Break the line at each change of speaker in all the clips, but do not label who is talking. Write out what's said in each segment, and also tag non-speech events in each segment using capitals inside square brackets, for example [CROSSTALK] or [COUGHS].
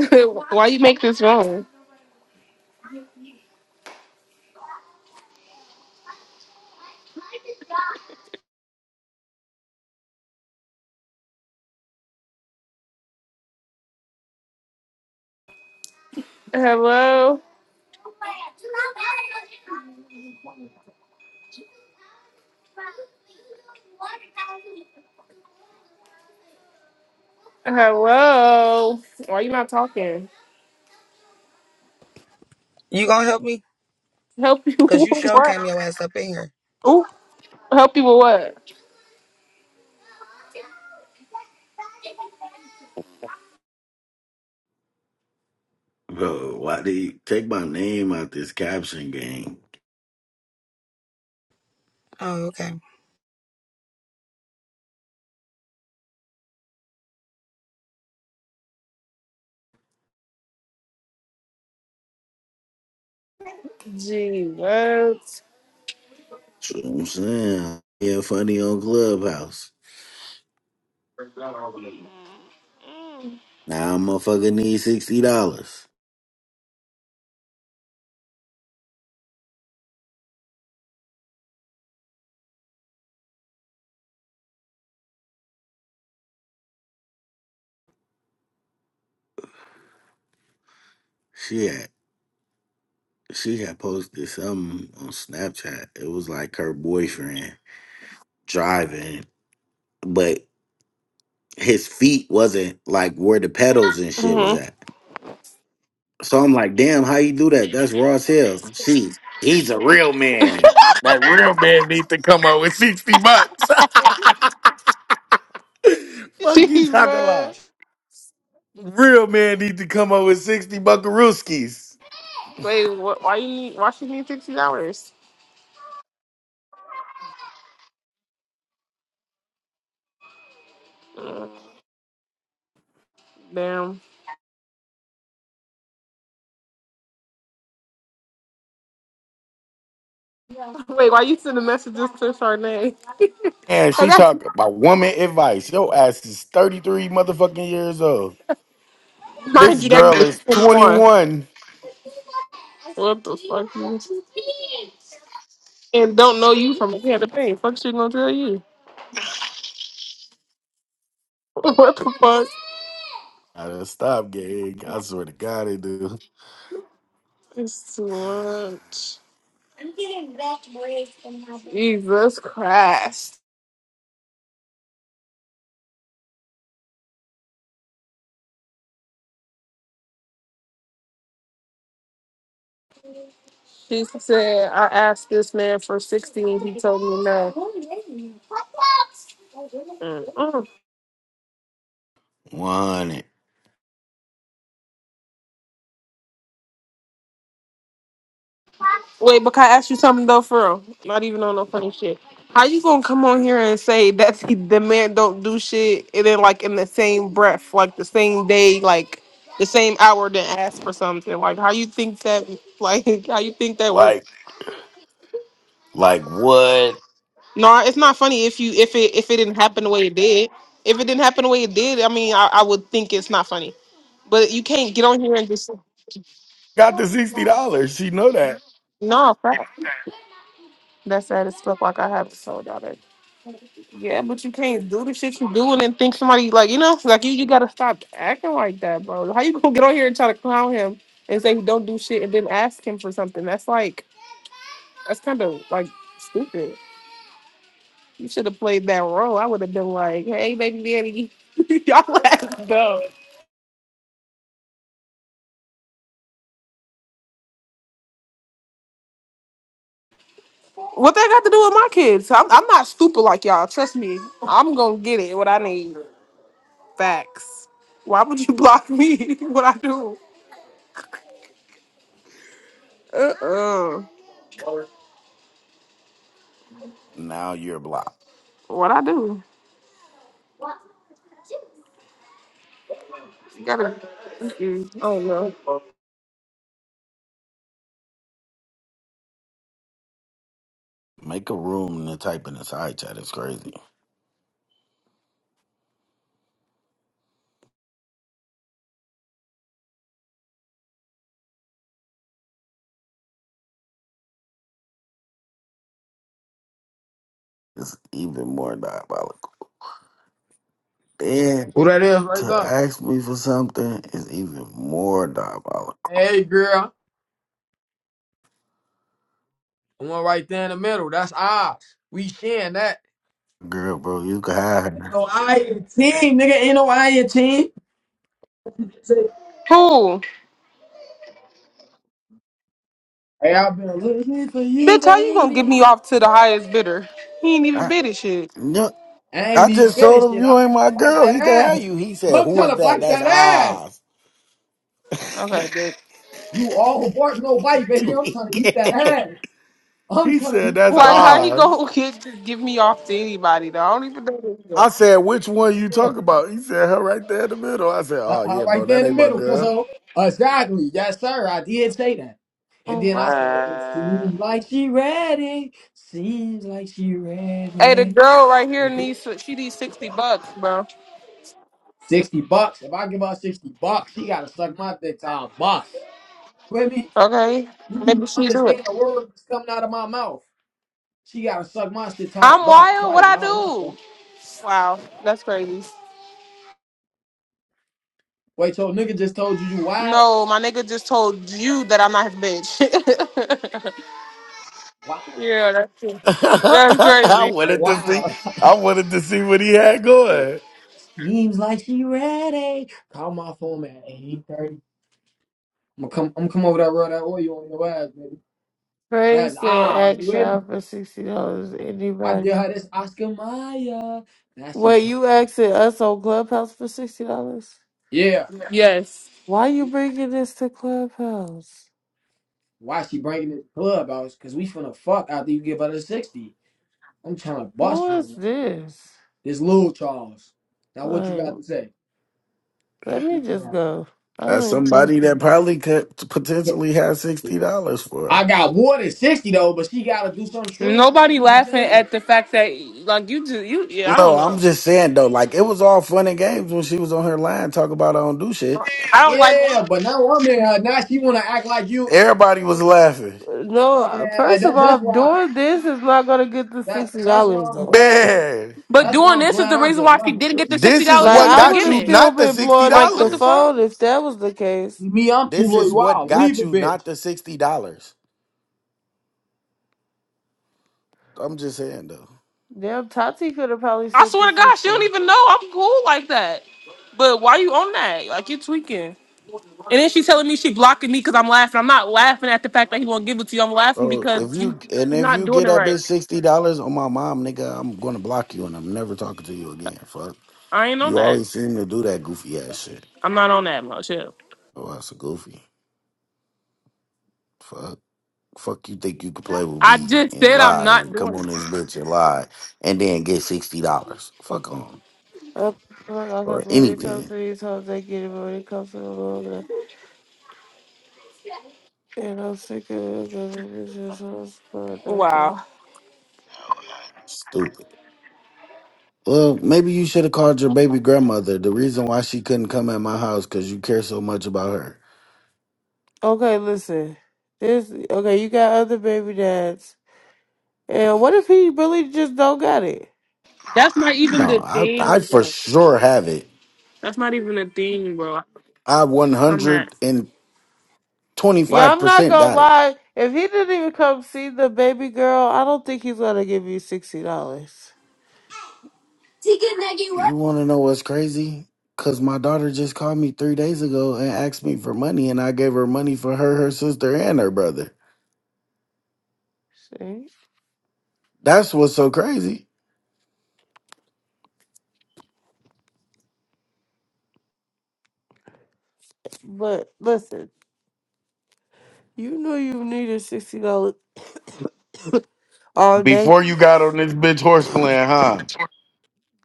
[LAUGHS] Why you make this wrong? Hello? Hello? Why you not talking?
You gonna help me?
Help you [LAUGHS]
Cause you
with
sure
what?
came your ass up in here.
Ooh, help you with what?
Bro, why they take my name out this caption game?
Oh, okay.
Gee, what?
That's what I'm saying. Yeah, funny on Clubhouse. Now I'm motherfucker need sixty dollars. She had she had posted something on Snapchat. It was like her boyfriend driving, but his feet wasn't like where the pedals and shit was
Mm-hmm.
at. So I'm like, damn, how you do that? That's raw as hell. She he's a real man. That was sixty bucks. [LAUGHS] Fuck you
Gee,
talking about?
what?
Real man need to come up with 60 buckarooskies.
Wait, what, why you need, why she need 60 hours? Mm, Damn. Wait, why you sending messages to Charnay?
And
Cause
she
that's,
talk about woman advice. Your ass is 33 motherfucking years old.
mind
This
you, that
girl
girl's
is
21.
21.
What the fuck? you- And don't know you from the other thing. Fuck she gonna tell you? [LAUGHS] What the fuck?
I done stop gang. I swear to God it do.
It's too much. Jesus Christ. She said, I asked this man for 60 and he told me no. Mm-mm.
Want it
Wait, but can I ask you something though, for real? Not even on no funny shit. How you gonna come on here and say that the the man don't do shit and then like in the same breath, like the same day, like the same hour, then ask for something? Like how you think that? Like [LAUGHS] how you think that works?
Like, like what?
No, it's not funny if you if it if it didn't happen the way it did. If it didn't happen the way it did, I mean, I, I would think it's not funny. But you can't get on here and just
Got the $60. She know that.
no. Fact. That's sad as fuck. Like I have told y'all that. Yeah, but you can't do the shit you do and then think somebody like you know like you you gotta stop acting like that, bro. How you gonna get on here and try to clown him and say he don't do shit and then ask him for something? That's like that's kind of like stupid. You should have played that role. I would have been like, hey, baby daddy. [LAUGHS] y'all laughing. What that got to do with my kids? I'm, I'm not stupid like y'all. Trust me. I'm gonna get it. What I need. Facts. Why would you block me? [LAUGHS] what I do? Uh uh
Now you're blocked.
What I do? You gotta. do- I don't know.
Make a room to type in the side chat. It's crazy. It's even more diabolical. Damn.
Who that is right
to
there?
ask me for something is even more diabolical.
Hey, girl. The one right there in the middle. That's ours. We sharing that.
Girl, bro, you can have
Ain't
her.
no I in team, nigga. Ain't no I in team.
Who?
Hey, I've been looking for you,
Bitch, how you gonna give me
baby.
off to the highest bidder? He ain't even
I,
bid it shit.
no,
I ain't
I
need
just
bit
told
of
him
shit.
you
I'm
ain't
trying to
my
bite
girl.
that
He can have
ass.
you. He said,
I'm
"Who
trying
is
to
that?
bite
That's
that ass.
Oz." [LAUGHS]
Okay,
he
bitch.
You all bark, no bite, baby.
do
I'm
it
trying to eat that
again.
ass. I'm
He
trying to
said,
eat
"That's
Like
your
how
ass.
he
Oz."
gonna [LAUGHS] get, give me off to anybody? Though I don't even know. this
I
girl.
said, "Which one you
Yeah.
talk about?" He said, "Her right there in the middle." I said,
Uh,
"Oh
uh,
yeah,
right
bro,
there
that
in the
ain't my
middle,
girl."
cuzzo. Uh, Exactly. Yes, sir. I did say that. And then I said, it
What?
seems like she ready. Seems like she
Hey, the
ready.
girl right here needs she needs sixty bucks, bro.
60 bucks. If I give her 60 bucks, she got to suck my dick till I bust. With me,
Okay,
you do
maybe she do it.
understand the word that's coming out of my mouth. She got to suck my shit till I
I'm
bust
wild. What
twice,
I
not once.
do?
baby.
Wow, that's crazy.
wait, so nigga just told you you wild?
No, my nigga just told you that I'm not his bitch. [LAUGHS]
Wow.
yeah, that's true.
[LAUGHS]
that's
I
crazy.
wanted to see.
Wow. [LAUGHS]
I wanted to see what he had going.
Seems like she ready. Call my phone at 8:30. I'm gonna come. I'm gonna come over that road that oil on your ass, baby.
Craig
That's ah,
said,
you
ask
ready?
y'all for $60.
I get
Anybody?
her this Oscar Mayer. Now she
Wait,
come.
you asking us on Clubhouse for $60?
Yeah,
Yes.
Why you bringing this to Clubhouse?
why she breaking this club out? Cause we finna fuck after you give her the sixty. I'm trying to bust
Who
one.
is
real quick.
this?
This little Charles. Now what you
Like,
got to say?
let
Fuck
me
you,
just
Charles.
go. I don't
That's
even talk
somebody
to
that
you.
probably could potentially have
[LAUGHS]
sixty dollars for
I
her.
got more than sixty though, but she gotta do something strange for a
Nobody
piece of
laughing
jam.
at the fact that like you just you yeah I don't
No, I'm
know
just saying though, like it was all fun and games when she was on her line talking about I don't do shit.
I don't like
Yeah, but now I'm in her. Now she wanna act like you.
Everybody was
Man,
laughing.
No,
man,
first of
that,
all,
that's why.
doing this is not going to get the
That
$60
that's why I'm
though.
glad.
Man,
but
That's why
doing
I'm
this is
glad
the
I
reason
just
why she
left a
didn't get
bit.
the sixty
this is
dollars
Like,
from
what
the
I would
got
have
you
beginning
still
not the
been
sixty
blowing
like
up the
what the
dollars.
fuck
phone if that was the case.
See me, I'm too
This
loyal.
is what
Wow, leave
got
a
you
bit.
not the sixty dollars. I'm just saying though.
Damn, Tati could have probably
I
sent the
swear to God she don't
60.
even know I'm cool like that but why you on that like you tweaking And then she's telling me she blocking me because I'm laughing. I'm not laughing at the fact that he won't give it to you. I'm laughing
Bro,
because
if
you
you and
you're
if
not
you
doing
get
it
that
right.
bitch sixty dollars on my mom, nigga, I'm gonna block you and I'm never talking to you again. Fuck.
I ain't on
You
that.
always seem to do that goofy ass shit.
I'm not on that much. Yeah.
Oh, that's a goofy. Fuck. Fuck you think you could play with
I
me
just
and
said I'm
lie
not
and
doing
come
it.
on this bitch and lie and then get sixty dollars. Fuck on.
I because
Or
when it comes
anything.
to these hoes, they get it. But when it comes to the Lord, and I'm sick of it because it's just hoes for nothing.
Wow.
Stupid. Well, maybe you should have called your baby grandmother. The reason why she couldn't come at my house because you care so much about her.
Okay, listen. This okay? You got other baby dads, and what if he really just don't got it?
That's not even
No,
the
I I
thing,
for
bro.
sure have it.
That's not even the thing, bro.
I one
I'm not.
hundred and twenty
Yeah,
five
I'm not
percent
gonna
got it.
lie. If he didn't even come see the baby girl, I don't think he's gonna give you sixty dollars.
You wanna know what's crazy? Cause my daughter just called me three days ago and asked me for money and I gave her money for her, her sister, and her brother.
See,
That's what's so crazy.
but listen, you knew you needed sixty dollars [COUGHS] all day.
Before you got on this bitch horse plan, huh?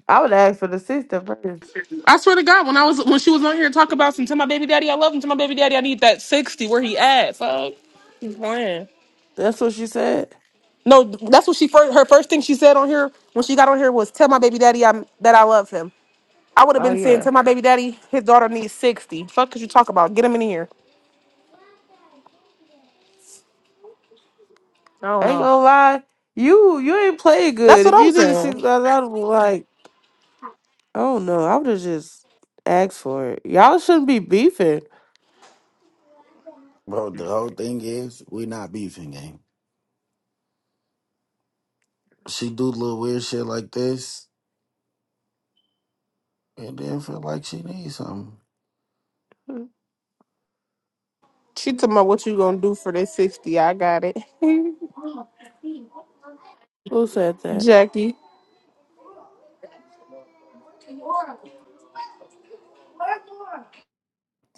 I would ask for the sixty first.
I swear to God, when I was when she was on here talking about some to my baby daddy, I love him. Tell my baby daddy, I need that sixty. Where he at? Fuck. He's playing.
That's what she said.
No, that's what she first. Her first thing she said on here when she got on here was, "Tell my baby daddy I'm that I love him." I would have
Oh
been saying,
yeah.
tell my baby daddy his daughter needs 60. Fuck could you talk about? Get him in here. I don't
I ain't
know.
gonna lie. You you ain't played
That's
good.
what
If
I'm
you needed six
saying.
dollars, I'd have been like, oh no, I would have just asked for it. Y'all shouldn't be beefing.
Bro, the whole thing is we not beefing gang. She do little weird shit like this and then feel like she needs something.
She talking about what you gonna do for this 60. I got it. [LAUGHS]
Who said that?
Jackie.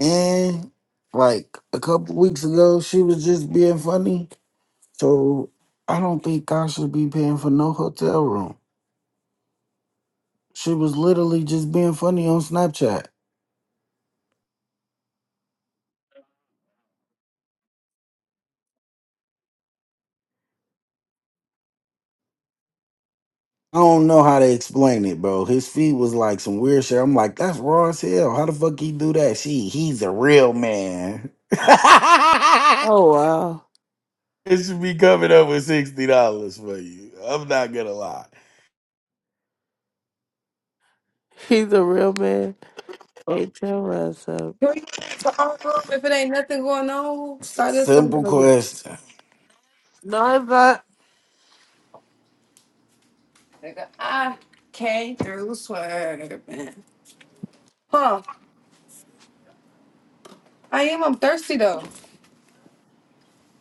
And like a couple weeks ago she was just being funny. So I don't think I should be paying for no hotel room. She was literally just being funny on Snapchat. I don't know how to explain it, bro. His feet was like some weird shit. I'm like, that's raw as hell. How the fuck he do that? She, he's a real man. [LAUGHS] it
Oh wow.
should be coming up with sixty dollars for you. I'm not gonna lie.
He's a real man. Ain't your ass up.
Can we move to our room If it ain't nothing going on,
S-
start this over
simple
again.
question.
No, but
Nigga, I came through swerving. Huh. I am. I'm thirsty though.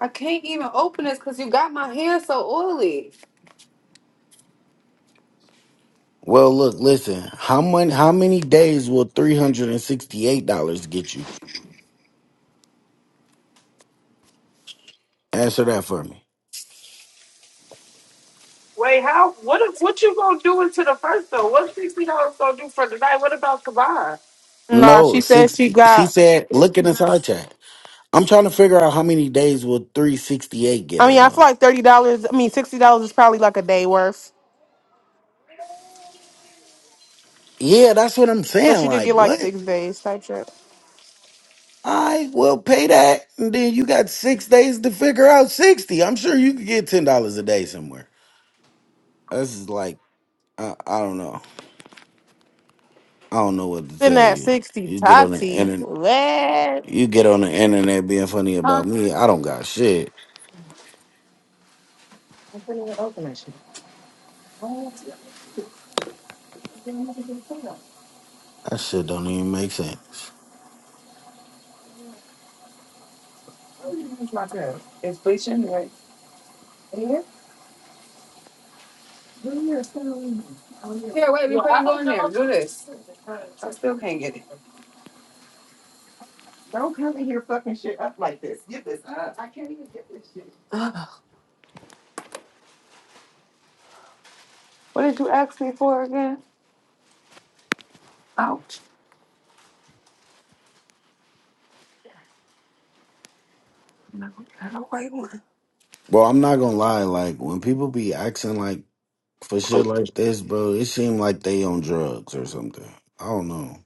I can't even open this because you got my hair so oily.
Well, look, listen. How many how many days will three hundred and sixty eight dollars get you? Answer that for me.
I, what if- what you gonna do into the first though? What sixty dollars gonna do for tonight? What about Kabar?
Nah,
No,
she said she
sixty. She
got
said, look in the side chat. I'm trying to figure out how many days will three sixty eight get
I
her
mean, I feel
though.
like thirty dollars I mean sixty dollars is probably like a day worth.
Yeah, that's what I'm
So
saying.
she could
Like,
get like
what?
six days type shit.
I will pay that, and then you got six days to figure out sixty. I'm sure you could get ten dollars a day somewhere. This is like, I, I don't know. I don't know what to
Then
tell
that
you.
sixty
You get on the
Tati.
internet.
What?
You get on the internet being funny about
Huh?
me. I don't got shit.
It's
That shit don't even make sense.
my turn. It's bleaching, right? Here, Here, wait
Well,
before
I
you go
don't
in there. Do this. I still
know.
can't get it. Don't come in here fucking shit up like this. Get this up. I can't even get this shit. [SIGHS] what did you ask me for again? Ouch. I don't wait one.
Bro, I'm not gonna lie. Like when people be acting like for shit like this, bro, it seem like they on drugs or something. I don't know.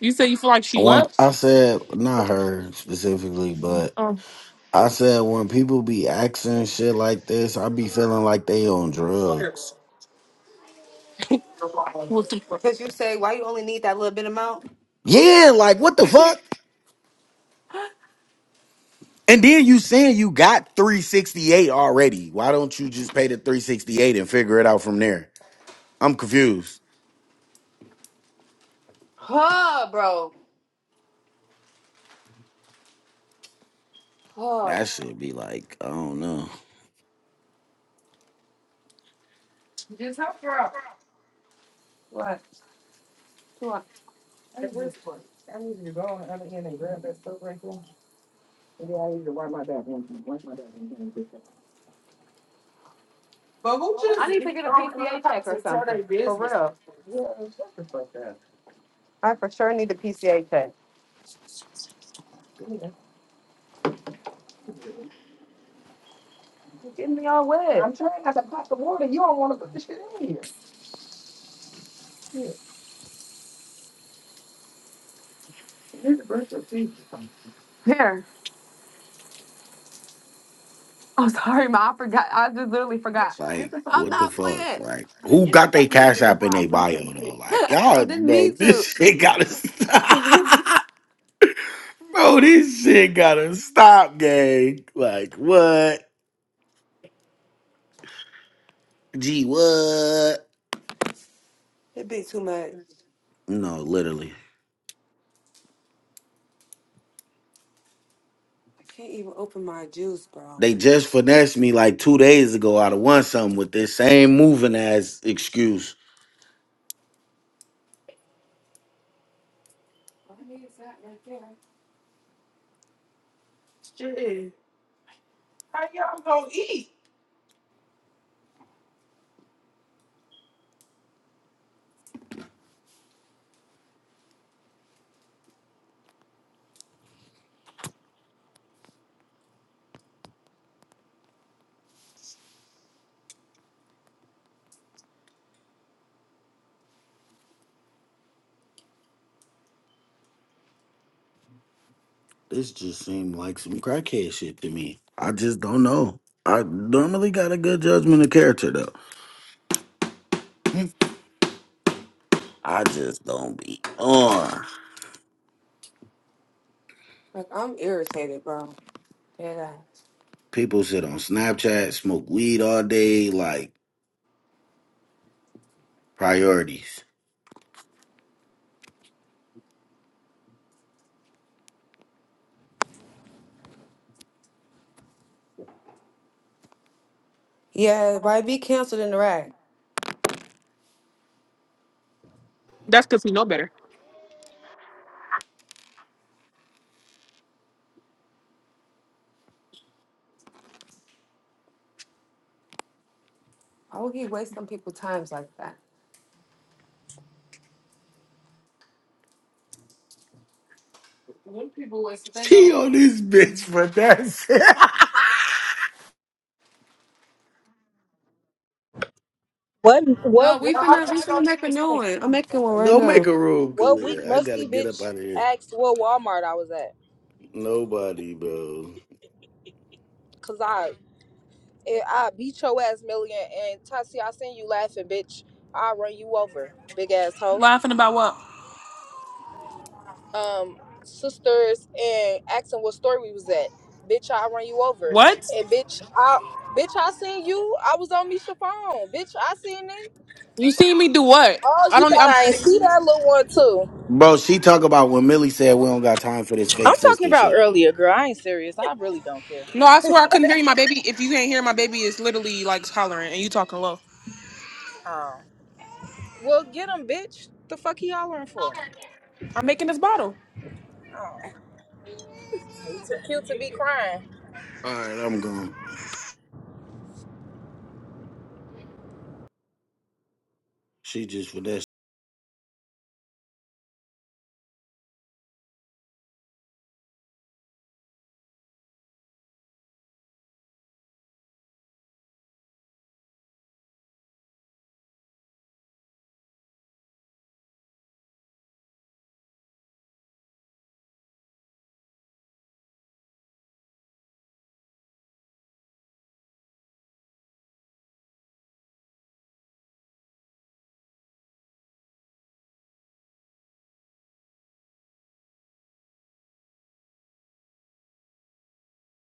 You said you feel like she
When
what?
I said not her specifically, but
Oh,
I said when people be asking shit like this, I be feeling like they on drugs.
what's the fuck?
Because you say, why you only need that little bit amount?
Yeah, like what the fuck? And then you saying you got 368 already. Why don't you just pay the 368 and figure it out from there? I'm confused.
Huh, bro. Huh.
That should be like, I don't know.
What? Two hours. I need you. I need you to go on the other end and grab that soap right there. And then I need you to wipe my back one time. Wipe my back one time. and get that. I need to get a PCA check or something. For real. Yeah, shut the fuck up. I for sure need a PCA check. Yeah. You're getting me all wet. I'm trying not to pop the water. You don't want to put the shit in here. Yeah. You need to brush your teeth. or something. Here. Oh, sorry, ma. I forgot. I just literally forgot. Get
Like,
the fuck I'm
what the
not
fuck?
away from
Like,
me. playing.
who
Get the
got their
fuck away
cash
from me
app
before
in
I
their
bust
bio
your
though?
shit. [LAUGHS]
Like,
I
y'all,
didn't
bro,
mean to.
this shit gotta [LAUGHS] stop. Bro, this shit gotta stop, gang. Like, what? Gee, what?
But
No, literally.
I can't even open my juice, bro.
They just finessed me like two days ago out of one something with this same moving ass excuse.
Well, I mean, it's that right there?
This just seemed like some crackhead shit to me. I just don't know. I normally got a good judgment of character though. I just don't be on.
Like I'm irritated, bro. Yeah.
People sit on Snapchat, smoke weed all day, like priorities. [LAUGHS]
Yeah, why be canceled in the rag?
That's because we know better.
Why would he waste on people's times like that?
She on this bitch for that shit. [LAUGHS]
What what
No, we
week?
finna we finna make a new one. I'm making one right
Go make
now.
a room,
What week?
Kalia. I gotta
Musty
get up
bitch
out of here.
asked what Walmart I was at.
Nobody, bro.
Cause I eh, I beat your ass million and Tati I seen you laughing bitch. I will run you over, big ass hoe.
Laughing about what?
Um, sisters and asking what store we was at. Bitch, I will run you over.
What?
And bitch, I bitch I seen you. I was on Misha phone. Bitch, I seen it.
You seen me do what?
Oh,
I
you
don't.
thought I ain't
I'm.
see that little one too?
Bro, she talk about when Millie said we don't got time for this fake
I'm talking
sister
about
shit.
earlier, girl. I ain't serious. I really don't care.
No, I swear I couldn't hear you. My baby, if you can't hear, my baby is literally like hollering and you talking low.
Well, get him, bitch. The fuck he hollering for?
I'm making this bottle.
Oh, he too cute to be crying.
All right, I'm gone. She just for that